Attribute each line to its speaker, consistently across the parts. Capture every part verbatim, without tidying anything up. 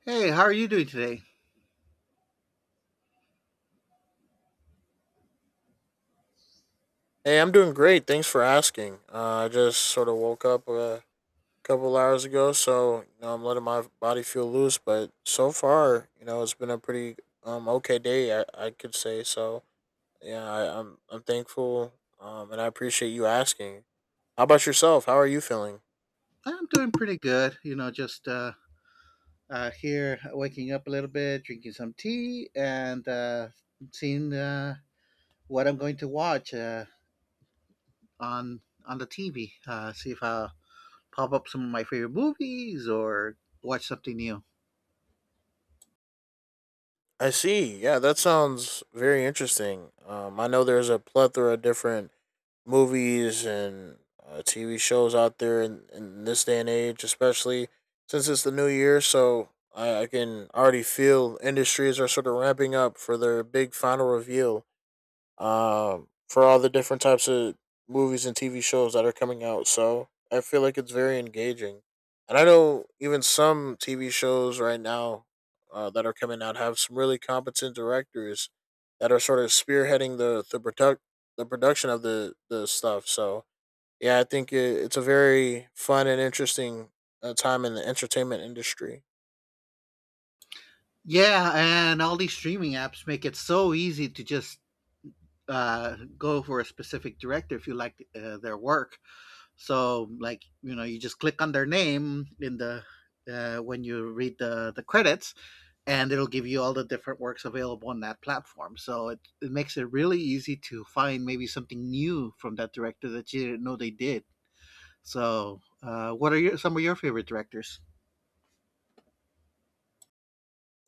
Speaker 1: Hey, how are you doing today?
Speaker 2: Hey, I'm doing great. Thanks for asking. Uh, I just sort of woke up a couple hours ago, so you know, I'm letting my body feel loose. But so far, you know, it's been a pretty um okay day. I, I could say so. Yeah, I, I'm I'm thankful. Um, and I appreciate you asking. How about yourself? How are you feeling?
Speaker 1: I'm doing pretty good. You know, just uh, uh, here waking up a little bit, drinking some tea, and uh, seeing uh, what I'm going to watch uh, on on the T V. Uh, see if I'll pop up some of my favorite movies or watch something new.
Speaker 2: I see. Yeah, that sounds very interesting. Um, I know there's a plethora of different movies and uh, T V shows out there in, in this day and age, especially since it's the new year. So I, I can already feel industries are sort of ramping up for their big final reveal um, for all the different types of movies and T V shows that are coming out. So I feel like it's very engaging. And I know even some T V shows right now uh, that are coming out have some really competent directors that are sort of spearheading the the product the production of the the stuff. So yeah, I think it, it's a very fun and interesting uh, time in the entertainment industry.
Speaker 1: Yeah, and all these streaming apps make it so easy to just uh, go for a specific director if you like uh, their work. So like you know, you just click on their name in the uh, when you read the the credits, and it'll give you all the different works available on that platform. So it, it makes it really easy to find maybe something new from that director that you didn't know they did. So uh, what are your, some of your favorite directors?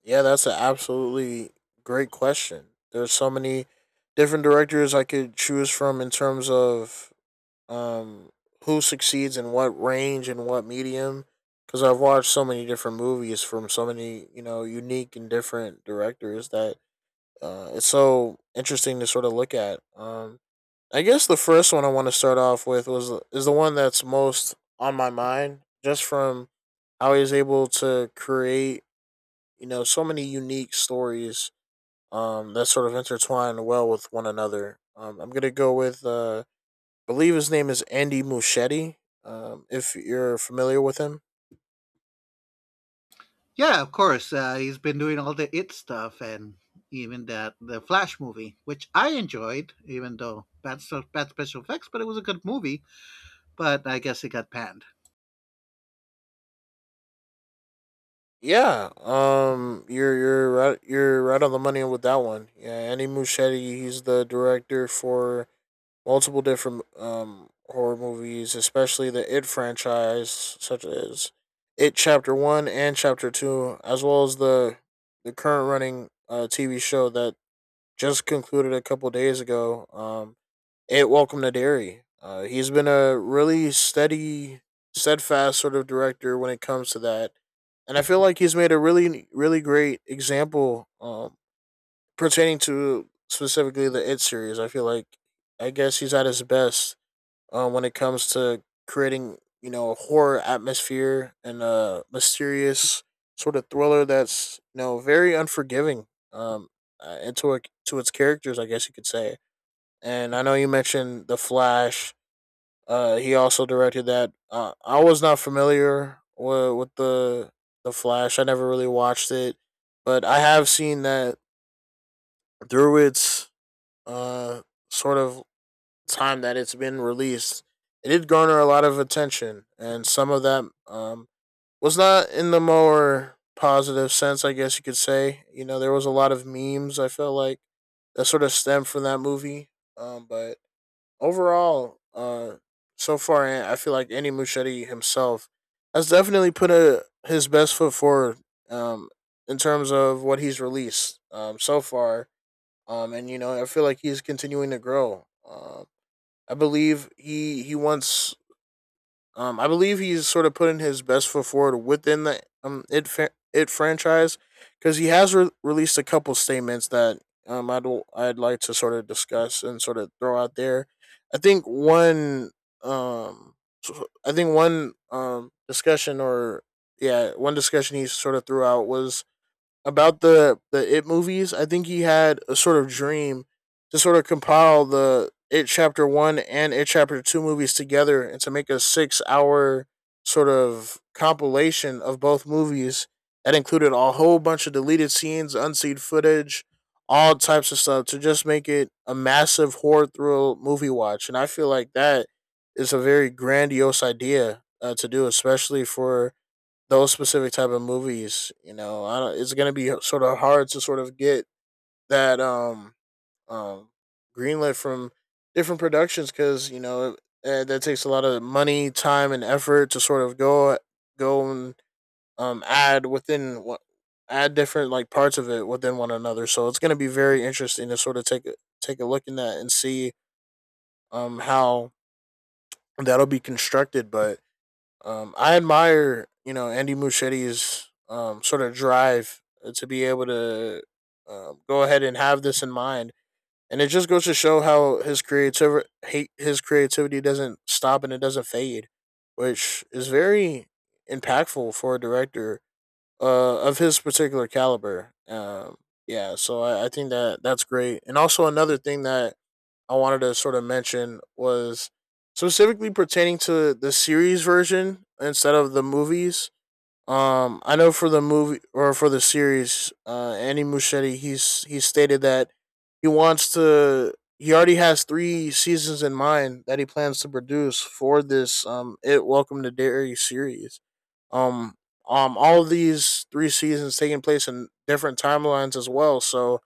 Speaker 2: Yeah, that's an absolutely great question. There's so many different directors I could choose from in terms of um, who succeeds in what range and what medium. Because I've watched so many different movies from so many, you know, unique and different directors that uh, it's so interesting to sort of look at. Um, I guess the first one I want to start off with was is the one that's most on my mind, just from how he's able to create, you know, so many unique stories um, that sort of intertwine well with one another. Um, I'm gonna go with, uh, I believe his name is Andy Muschietti. Um, if you're familiar with him,
Speaker 1: Yeah, of course. Uh, he's been doing all the It stuff and even that the Flash movie, which I enjoyed, even though bad stuff, bad special effects, but it was a good movie. But I guess it got panned.
Speaker 2: yeah, um, you're you're right, you're right on the money with that one. Yeah, Andy Muschietti, he's the director for multiple different um horror movies, especially the It franchise, such as It Chapter One and Chapter Two, as well as the the current running uh, T V show that just concluded a couple days ago. Um, it Welcome to Derry. Uh, he's been a really steady, steadfast sort of director when it comes to that, and I feel like he's made a really, really great example um, pertaining to specifically the It series. I feel like I guess he's at his best uh, when it comes to creating, you know, a horror atmosphere and a mysterious sort of thriller that's, you know, very unforgiving um uh, into a, to its characters, I guess you could say. And I know you mentioned The Flash, uh he also directed that. uh, I was not familiar with, with the the Flash. I never really watched it, but I have seen that through its uh sort of time that it's been released. It did garner a lot of attention, and some of that um, was not in the more positive sense, I guess you could say. You know, there was a lot of memes. I felt like that sort of stemmed from that movie. Um, but overall, uh, so far, I I feel like Andy Muschietti himself has definitely put a, his best foot forward um, in terms of what he's released um, so far. Um, and you know, I feel like he's continuing to grow. Um, I believe he he wants. Um, I believe he's sort of putting his best foot forward within the um it it franchise, because he has re- released a couple statements that um I'd I'd like to sort of discuss and sort of throw out there. I think one um so- I think one um discussion or yeah one discussion he sort of threw out was about the the It movies. I think he had a sort of dream to sort of compile the It Chapter One and It Chapter Two movies together and to make a six hour sort of compilation of both movies that included a whole bunch of deleted scenes, unseen footage, all types of stuff to just make it a massive horror thrill movie watch. And I feel like that is a very grandiose idea uh, to do, especially for those specific type of movies. You know, I don't, it's gonna be sort of hard to sort of get that um um greenlit from different productions, because you know uh, that takes a lot of money, time, and effort to sort of go go and um add within what add different like parts of it within one another. So it's gonna be very interesting to sort of take a take a look in that and see um how that'll be constructed. But Um, I admire, you know, Andy Muschietti's um, sort of drive to be able to um, go ahead and have this in mind, and it just goes to show how his creativity, his creativity doesn't stop and it doesn't fade, which is very impactful for a director uh, of his particular caliber. Um, yeah, so I, I think that that's great, and also another thing that I wanted to sort of mention was specifically pertaining to the series version instead of the movies. Um, I know for the movie or for the series, uh, Andy Muschietti, he's he stated that he wants to. He already has three seasons in mind that he plans to produce for this um, "It Welcome to Derry" series. Um, um, all of these three seasons taking place in different timelines as well. So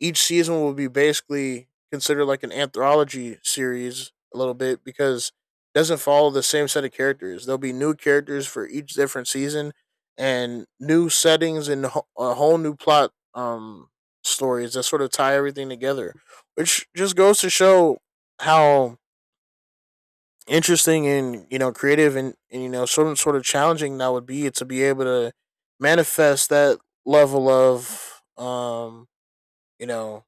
Speaker 2: each season will be basically considered like an anthology series a little bit, because it doesn't follow the same set of characters. There'll be new characters for each different season and new settings and a whole new plot um stories that sort of tie everything together, which just goes to show how interesting and you know creative and, and you know sort of sort of challenging that would be to be able to manifest that level of um you know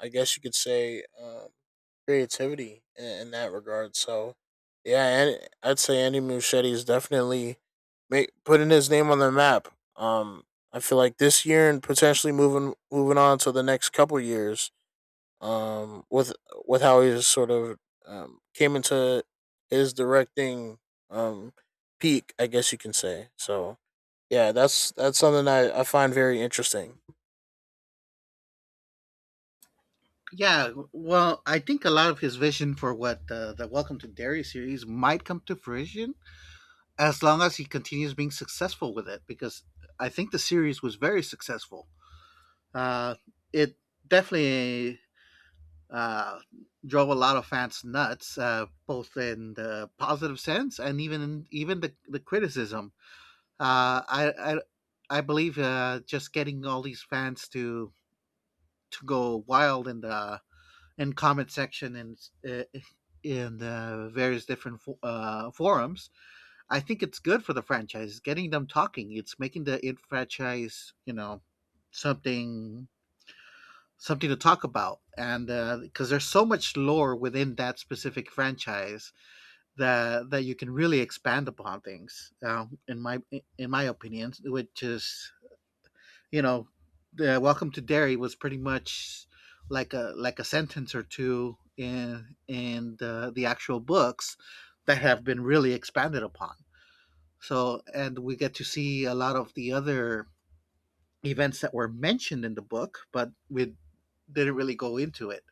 Speaker 2: I guess you could say um, creativity in, in that regard. So yeah, and I'd say Andy Muschietti is definitely make, putting his name on the map. Um, I feel like this year and potentially moving moving on to the next couple years. Um, with with how he sort of um, came into his directing um, peak, I guess you can say. So yeah, that's that's something I, I find very interesting.
Speaker 1: Yeah, well, I think a lot of his vision for what uh, the Welcome to Derry series might come to fruition as long as he continues being successful with it, because I think the series was very successful. Uh, it definitely uh, drove a lot of fans nuts, uh, both in the positive sense and even in, even the, the criticism. Uh, I, I I believe uh, just getting all these fans to to go wild in the and comment section and uh, in uh, various different uh, forums. I think it's good for the franchise. It's getting them talking. It's making the It franchise, you know, something something to talk about, and because uh, there's so much lore within that specific franchise that that you can really expand upon things. Um, in my in my opinion, which is you know, the Welcome to Derry was pretty much like a like a sentence or two in in the, the actual books that have been really expanded upon. So, and we get to see a lot of the other events that were mentioned in the book, but we didn't really go into it.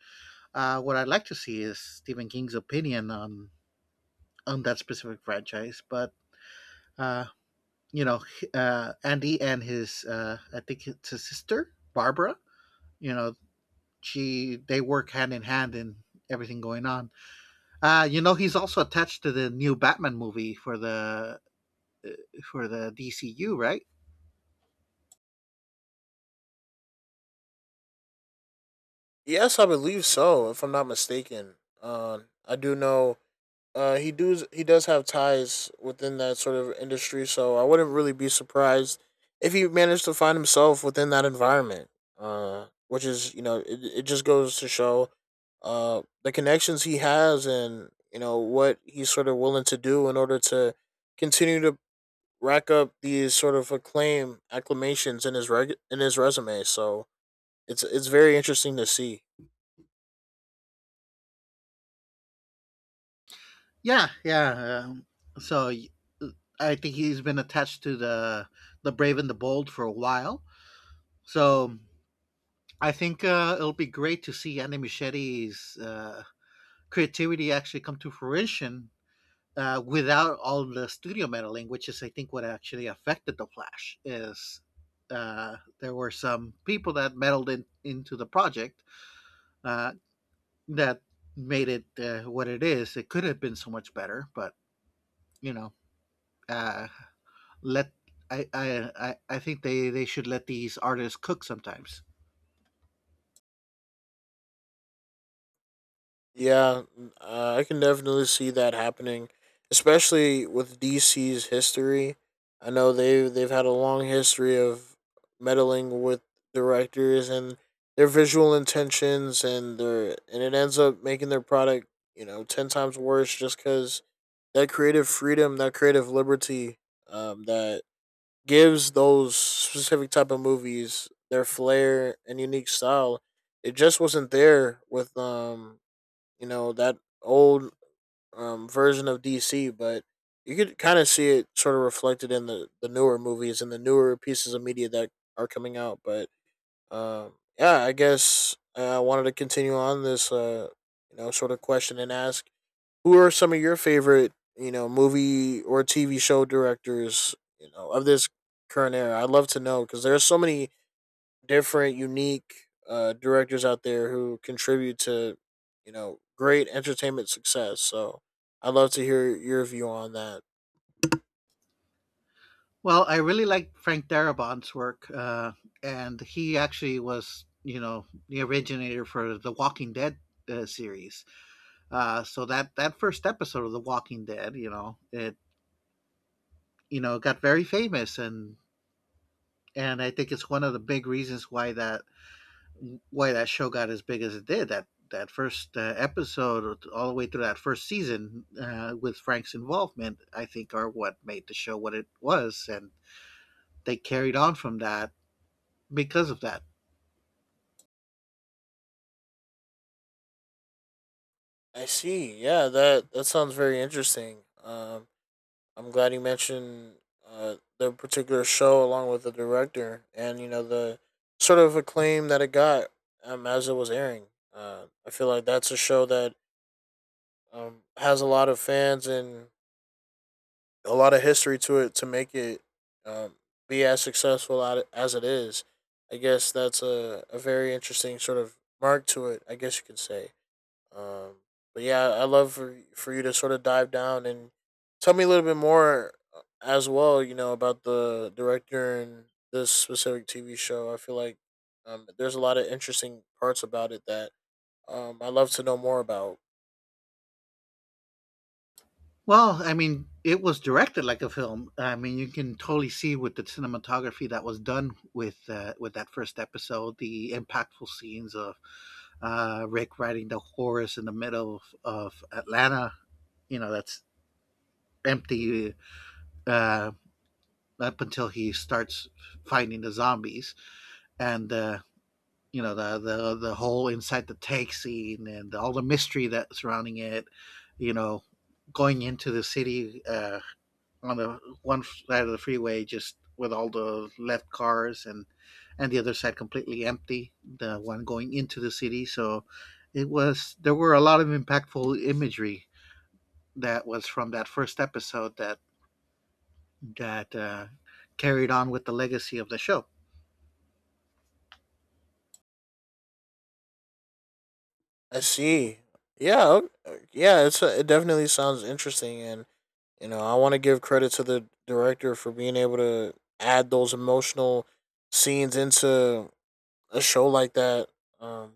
Speaker 1: Uh, what I'd like to see is Stephen King's opinion on on that specific franchise, but uh, you know, uh, Andy and his uh, I think it's his sister Barbara. You know, she they work hand in hand in everything going on. Uh, you know, he's also attached to the new Batman movie for the for the D C U, right?
Speaker 2: Yes, I believe so. If I'm not mistaken, um, I do know uh, he does he does have ties within that sort of industry. So I wouldn't really be surprised if he managed to find himself within that environment. Uh, which is, you know, it, it just goes to show uh, the connections he has and you know what he's sort of willing to do in order to continue to rack up these sort of acclaim acclamations in his reg- in his resume. So it's it's very interesting to see.
Speaker 1: Yeah, yeah. Um, so I think he's been attached to the the Brave and the Bold for a while. So I think uh, it'll be great to see Andy Muschietti's uh, creativity actually come to fruition uh, without all the studio meddling, which is I think what actually affected the Flash is uh, there were some people that meddled in, into the project uh, that made it uh, what it is. It could have been so much better, but you know, uh, let I I I- I think they they should let these artists cook sometimes.
Speaker 2: Yeah, uh, I can definitely see that happening, especially with D C's history. I know they they've had a long history of meddling with directors and their visual intentions, and their and it ends up making their product, you know, ten times worse, just because that creative freedom, that creative liberty, um, that gives those specific type of movies their flair and unique style. It just wasn't there with um you know that old um, version of D C, but you could kind of see it sort of reflected in the the newer movies and the newer pieces of media that are coming out. But um, yeah, I guess uh, I wanted to continue on this, uh, you know, sort of question and ask, who are some of your favorite, you know, movie or T V show directors you know of this current era? I'd love to know, because there are so many different, unique uh, directors out there who contribute to, you know, great entertainment success. So I'd love to hear your view on that.
Speaker 1: Well, I really like Frank Darabont's work, uh, and he actually was you know the originator for the Walking Dead uh, series. Uh, so that that first episode of The Walking Dead, you know, it you know got very famous, and and I think it's one of the big reasons why that why that show got as big as it did. That that first uh, episode, uh, all the way through that first season, uh, with Frank's involvement, I think are what made the show what it was, and they carried on from that because of that.
Speaker 2: I see. Yeah, that that sounds very interesting. Um, I'm glad you mentioned uh, the particular show along with the director and you know the sort of acclaim that it got um, as it was airing. Uh, I feel like that's a show that um, has a lot of fans and a lot of history to it to make it um, be as successful as it is. I guess that's a, a very interesting sort of mark to it, I guess you could say. Um, but yeah, I love for for you to sort of dive down and tell me a little bit more uh, as well. You know, about the director and this specific T V show. I feel like um, there's a lot of interesting parts about it that um, I love to know more about.
Speaker 1: Well, I mean, it was directed like a film. I mean, you can totally see with the cinematography that was done with uh, with that first episode, the impactful scenes of uh, Rick riding the horse in the middle of, of Atlanta. You know, that's empty uh, up until he starts finding the zombies, and uh, you know the the the whole inside the tank scene and all the mystery that's surrounding it. You know, going into the city. Uh, on the one side of the freeway just with all the left cars and and the other side completely empty, the one going into the city. So it was, there were a lot of impactful imagery that was from that first episode that that uh, carried on with the legacy of the show.
Speaker 2: I see. Yeah, yeah. It's a, it definitely sounds interesting and. You know, I want to give credit to the director for being able to add those emotional scenes into a show like that. Um,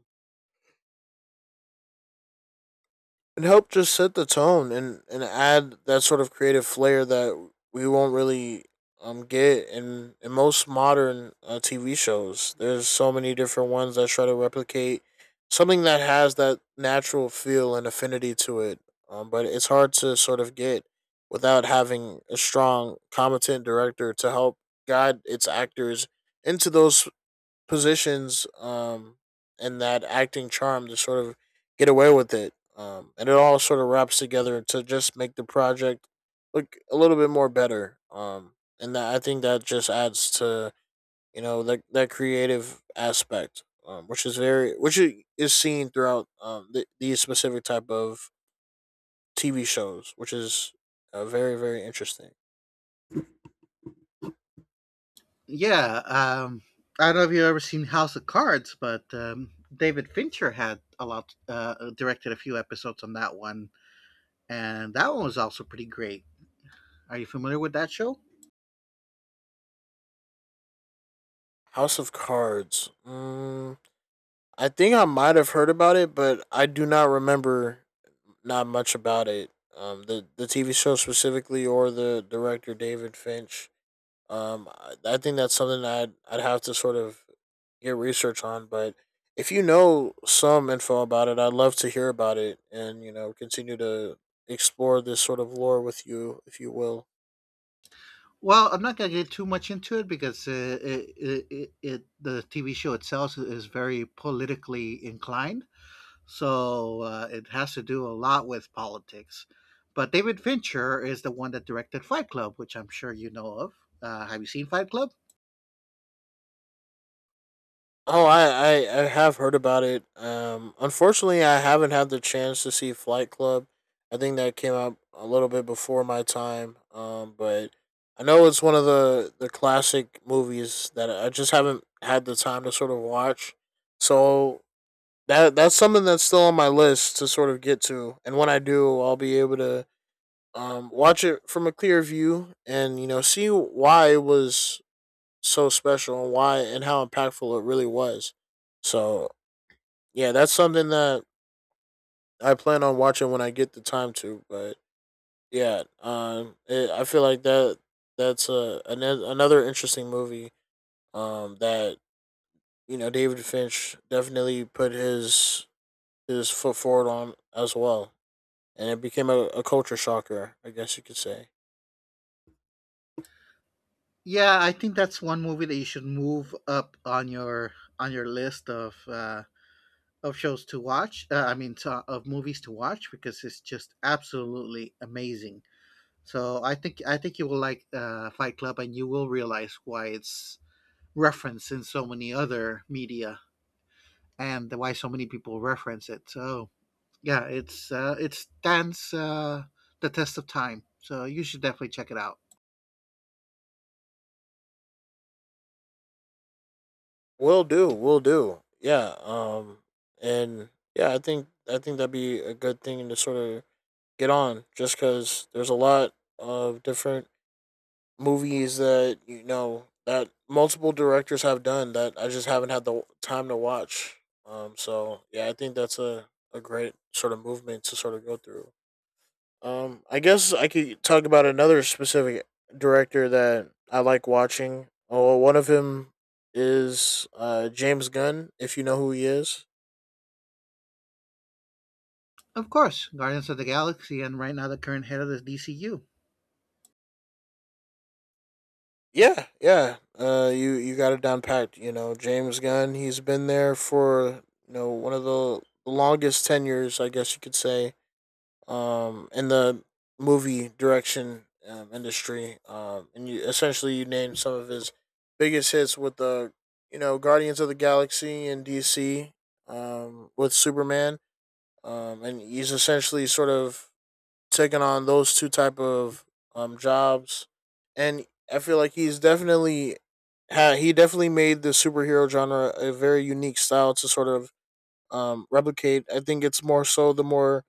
Speaker 2: It helped just set the tone and, and add that sort of creative flair that we won't really um get in, in most modern uh, T V shows. There's so many different ones that try to replicate something that has that natural feel and affinity to it, um, but it's hard to sort of get without having a strong, competent director to help guide its actors into those positions um and that acting charm to sort of get away with it. Um and it all sort of wraps together to just make the project look a little bit more better. Um and that I think that just adds to, you know, that that creative aspect. Um, which is very which i- is seen throughout um th- these specific type of T V shows, which is uh, very very interesting.
Speaker 1: Yeah, um, I don't know if you've ever seen House of Cards, but um, David Fincher had a lot uh, directed a few episodes on that one, and that one was also pretty great. Are you familiar with that show?
Speaker 2: House of Cards. Mm, I think I might have heard about it, but I do not remember not much about it. Um, the the T V show specifically, or the director David Finch. Um, I, I think that's something that I'd I'd have to sort of get research on. But if you know some info about it, I'd love to hear about it, and you know continue to explore this sort of lore with you, if you will.
Speaker 1: Well, I'm not gonna get too much into it because uh, it, it, it, the T V show itself is very politically inclined, so uh, it has to do a lot with politics. But David Fincher is the one that directed Fight Club, which I'm sure you know of. Uh, have you seen Fight Club?
Speaker 2: Oh, I, I, I have heard about it. Um, unfortunately, I haven't had the chance to see Flight Club. I think that came out a little bit before my time. Um, but I know it's one of the, the classic movies that I just haven't had the time to sort of watch. So that that's something that's still on my list to sort of get to. And when I do, I'll be able to um, watch it from a clear view and you know see why it was so special and why and how impactful it really was. So yeah, that's something that I plan on watching when I get the time to. But yeah, um, it, I feel like that that's a an, another interesting movie. Um, that you know David Finch definitely put his his foot forward on as well, and it became a, a culture shocker, I guess you could say.
Speaker 1: Yeah, I think that's one movie that you should move up on your on your list of uh, of shows to watch. Uh, I mean, to, of movies to watch because it's just absolutely amazing. So I think I think you will like uh, Fight Club, and you will realize why it's referenced in so many other media and why so many people reference it. So yeah, it's uh, it stands uh, the test of time. So you should definitely check it out.
Speaker 2: Will do, will do. Yeah. Um, and yeah, I think I think that'd be a good thing to sort of get on just because there's a lot of different movies that you know that multiple directors have done that I just haven't had the time to watch. Um, so yeah, I think that's a, a great sort of movement to sort of go through. Um, I guess I could talk about another specific director that I like watching. Oh, one of him is uh James Gunn, if you know who he is.
Speaker 1: Of course, Guardians of the Galaxy, and right now the current head of the D C U.
Speaker 2: Yeah, yeah. Uh, you you got it down packed. You know, James Gunn. He's been there for you know one of the longest tenures, I guess you could say, um, in the movie direction um, industry. Um, and you essentially you named some of his biggest hits with the you know Guardians of the Galaxy and D C, um, with Superman. Um, and he's essentially sort of taken on those two type of um jobs, and I feel like he's definitely ha- he definitely made the superhero genre a very unique style to sort of um, replicate. I think it's more so the more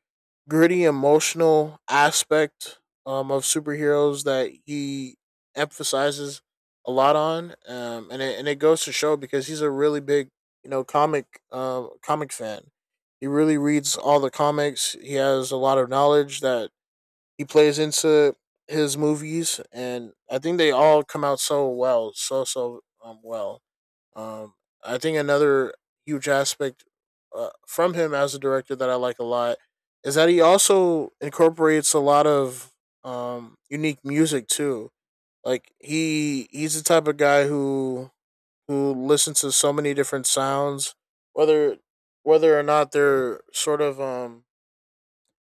Speaker 2: gritty, emotional aspect um, of superheroes that he emphasizes a lot on, um, and it and it goes to show because he's a really big you know comic uh, comic fan. He really reads all the comics. He has a lot of knowledge that he plays into his movies, and I think they all come out so well, so so um, well. Um, I think another huge aspect uh, from him as a director that I like a lot is that he also incorporates a lot of um, unique music too. Like he he's the type of guy who who listens to so many different sounds, whether whether or not they're sort of um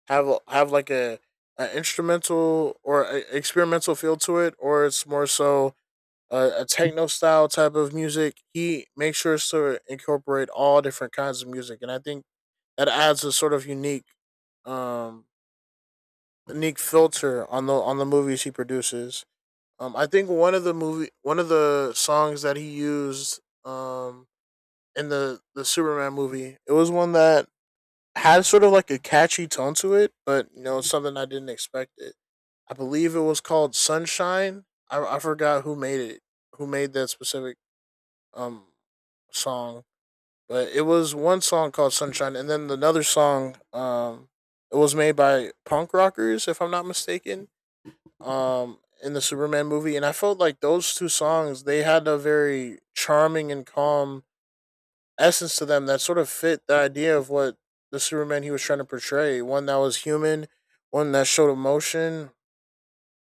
Speaker 2: have a- have like a, a instrumental or a experimental feel to it, or it's more so a, a techno style type of music. He makes sure to incorporate all different kinds of music, and I think that adds a sort of unique um unique filter on the on the movies he produces. Um, I think one of the movie one of the songs that he used um in the the Superman movie, it was one that had sort of like a catchy tone to it, but you know, it's something I didn't expect it. I believe it was called Sunshine. I, I forgot who made it, who made that specific um song, but it was one song called Sunshine, and then another song. Um, it was made by punk rockers, if I'm not mistaken. Um, in the Superman movie, and I felt like those two songs they had a very charming and calm essence to them that sort of fit the idea of what the Superman he was trying to portray. One that was human, one that showed emotion,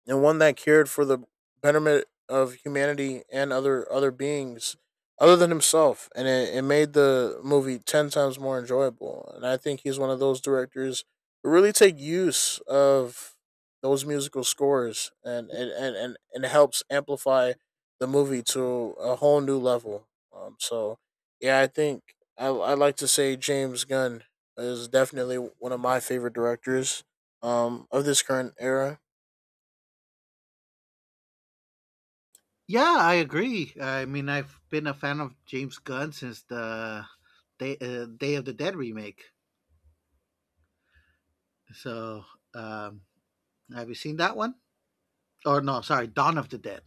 Speaker 2: and one that cared for the betterment of humanity and other other beings other than himself and it, it made the movie ten times more enjoyable and I think he's one of those directors who really take use of those musical scores and and and, and, and it helps amplify the movie to a whole new level um, so yeah i think I, I like to say james gunn is definitely one of my favorite directors um, of this current era.
Speaker 1: Yeah, I agree. I mean, I've been a fan of James Gunn since the Day, uh, Day of the Dead remake. So um, have you seen that one? Or no, sorry, Dawn of the Dead.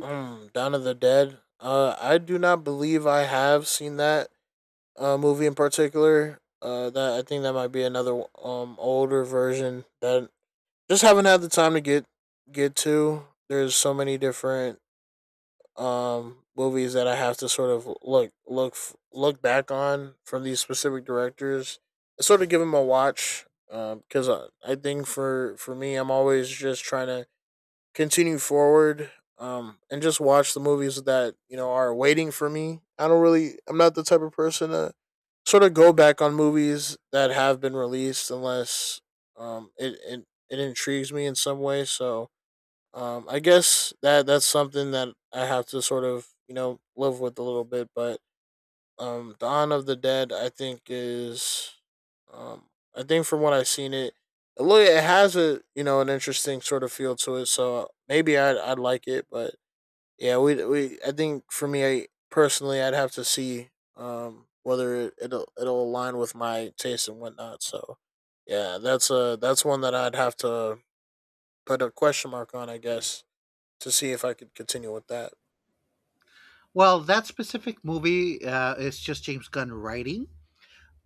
Speaker 2: Mm, Dawn of the Dead. Uh, I do not believe I have seen that uh, movie in particular. Uh, that I think that might be another um older version that just haven't had the time to get get to. There's so many different um movies that I have to sort of look look look back on from these specific directors. I sort of give them a watch because I, I think for for me I'm always just trying to continue forward, um, and just watch the movies that you know are waiting for me. I don't really, I'm not the type of person to sort of go back on movies that have been released unless um, it, it it intrigues me in some way. So um, I guess that that's something that I have to sort of you know live with a little bit, but um, Dawn of the Dead, I think is, um, I think from what I've seen it, it loo- it has a you know an interesting sort of feel to it. So maybe I'd I'd like it, but yeah, we we I think for me I, personally I'd have to see um whether it, it'll it'll align with my taste and whatnot. So yeah, that's a that's one that I'd have to put a question mark on, I guess, to see if I could continue with that.
Speaker 1: Well, that specific movie uh, is just James Gunn writing,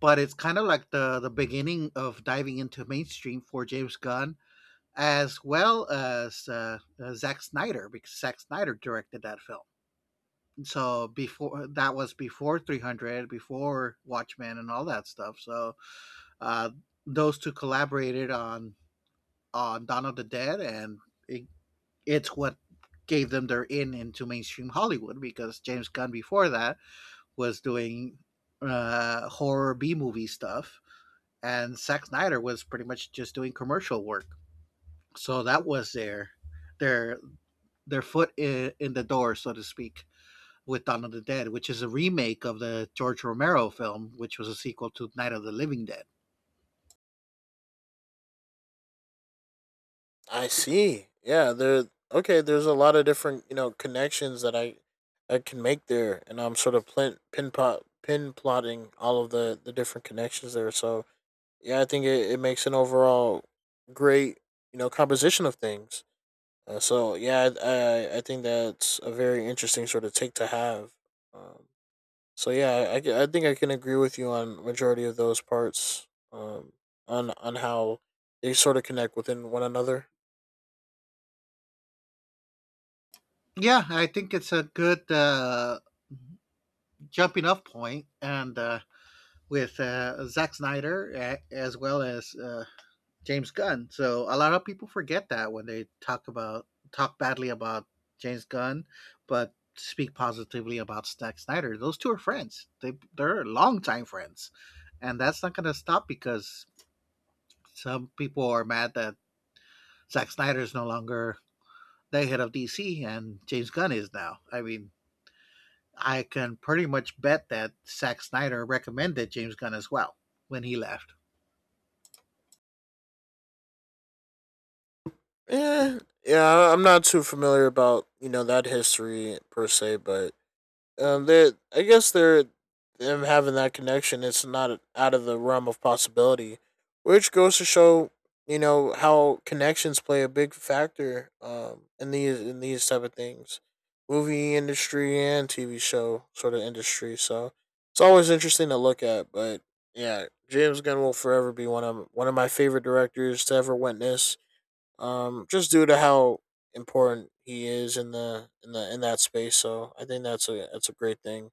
Speaker 1: but it's kind of like the the beginning of diving into mainstream for James Gunn, as well as uh, uh, Zack Snyder, because Zack Snyder directed that film. So before that was before three hundred, before Watchmen, and all that stuff. So uh, those two collaborated on on Dawn of the Dead, and it it's what gave them their in into mainstream Hollywood because James Gunn before that was doing uh, horror B movie stuff, and Zack Snyder was pretty much just doing commercial work. So that was their their their foot in, in the door, so to speak, with Dawn of the Dead, which is a remake of the George Romero film, which was a sequel to Night of the Living Dead.
Speaker 2: I see. Yeah, there. Okay, there's a lot of different you know connections that I I can make there, and I'm sort of pin pin pot pin plotting all of the the different connections there. So yeah, I think it, it makes an overall great you know composition of things. Uh, so yeah, I, I I think that's a very interesting sort of take to have. Um, so yeah, I, I I think I can agree with you on majority of those parts. Um, on on how they sort of connect within one another.
Speaker 1: Yeah, I think it's a good uh, jumping off point, and uh, with uh, Zack Snyder uh, as well as uh, James Gunn. So a lot of people forget that when they talk about talk badly about James Gunn, but speak positively about Zack Snyder. Those two are friends. They they're longtime friends, and that's not going to stop because some people are mad that Zack Snyder is no longer the head of D C and James Gunn is now. I mean, I can pretty much bet that Zack Snyder recommended James Gunn as well when he left.
Speaker 2: Yeah, yeah, I'm not too familiar about you know that history per se, but um, they I guess they're them having that connection. It's not out of the realm of possibility, which goes to show you know how connections play a big factor um in these in these type of things, movie industry and T V show sort of industry. So it's always interesting to look at, but yeah, James Gunn will forever be one of one of my favorite directors to ever witness, um, just due to how important he is in the in the in that space. So I think that's a that's a great thing.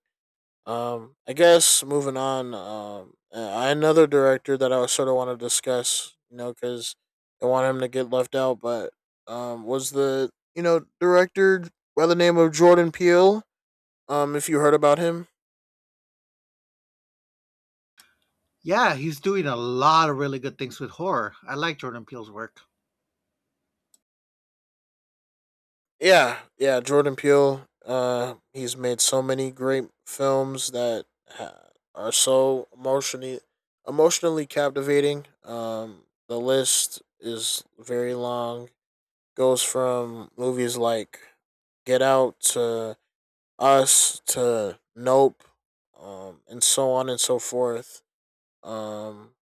Speaker 2: Um, I guess moving on. Um, uh, another director that I sort of want to discuss, you know, because I want him to get left out, but um, was the you know director by the name of Jordan Peele. Um, if you heard about him.
Speaker 1: Yeah, he's doing a lot of really good things with horror. I like Jordan Peele's work.
Speaker 2: Yeah, yeah, Jordan Peele. Uh, he's made so many great films that ha- are so emotionally emotionally captivating. Um, the list is very long. Goes from movies like Get Out to Us to Nope, um, and so on and so forth. Um,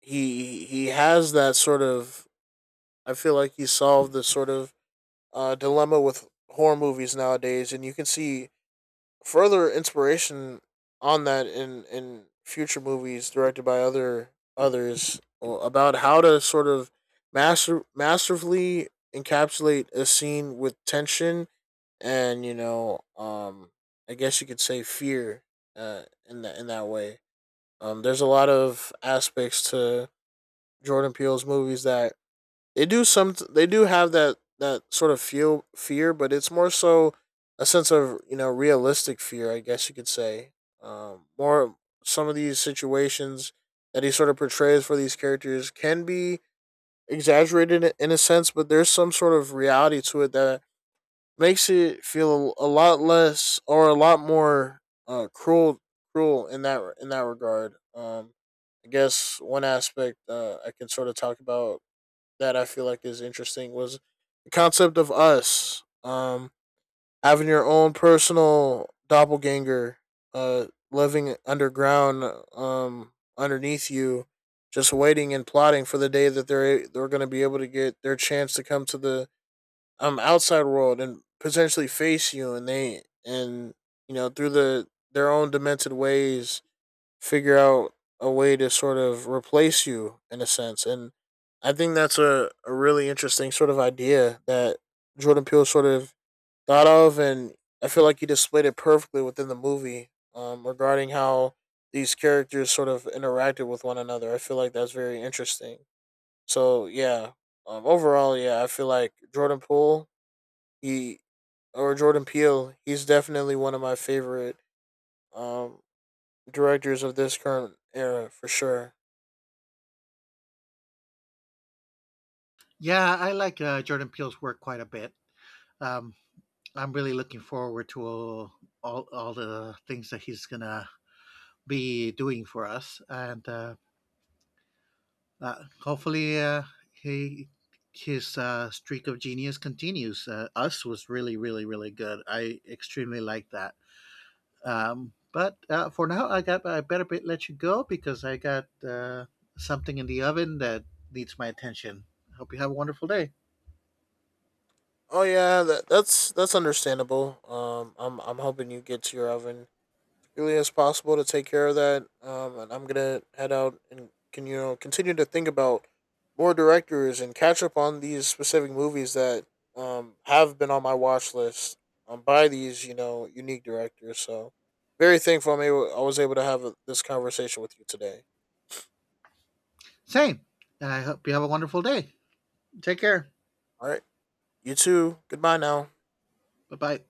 Speaker 2: he he has that sort of. I feel like he solved the sort of uh, dilemma with horror movies nowadays, and you can see further inspiration on that in in future movies directed by other others uh, about how to sort of master masterfully encapsulate a scene with tension and you know um I guess you could say fear uh in that in that way. Um, there's a lot of aspects to Jordan Peele's movies that they do some they do have that that sort of feel fear, but it's more so a sense of you know realistic fear, I guess you could say. Um, more some of these situations that he sort of portrays for these characters can be exaggerated in- a sense, but there's some sort of reality to it that makes it feel a, a lot less or a lot more uh, cruel cruel in that in that regard. Um, I guess one aspect uh, I can sort of talk about that I feel like is interesting was the concept of us um, having your own personal doppelganger, uh, living underground, um, underneath you, just waiting and plotting for the day that they're they're going to be able to get their chance to come to the um outside world and potentially face you, and they and you know through the their own demented ways figure out a way to sort of replace you in a sense. And I think that's a, a really interesting sort of idea that Jordan Peele sort of thought of. And I feel like he displayed it perfectly within the movie um, regarding how these characters sort of interacted with one another. I feel like that's very interesting. So, yeah, um, overall, yeah, I feel like Jordan Peele, he, or Jordan Peele, he's definitely one of my favorite um, directors of this current era for sure.
Speaker 1: Yeah, I like uh, Jordan Peele's work quite a bit. Um, I'm really looking forward to all, all all the things that he's gonna be doing for us, and uh, uh, hopefully uh, he his uh, streak of genius continues. Uh, us was really really really good. I extremely like that. Um, but uh, for now, I got I better let you go because I got uh, something in the oven that needs my attention. Hope you have a wonderful day.
Speaker 2: Oh yeah, that, that's that's understandable. Um, I'm I'm hoping you get to your oven as early as possible to take care of that. Um, and I'm gonna head out and can you know continue to think about more directors and catch up on these specific movies that um have been on my watch list um by these you know unique directors. So very thankful I'm able I was able to have a, this conversation with you today.
Speaker 1: Same. I hope you have a wonderful day. Take care.
Speaker 2: All right, you too. Goodbye now.
Speaker 1: Bye bye.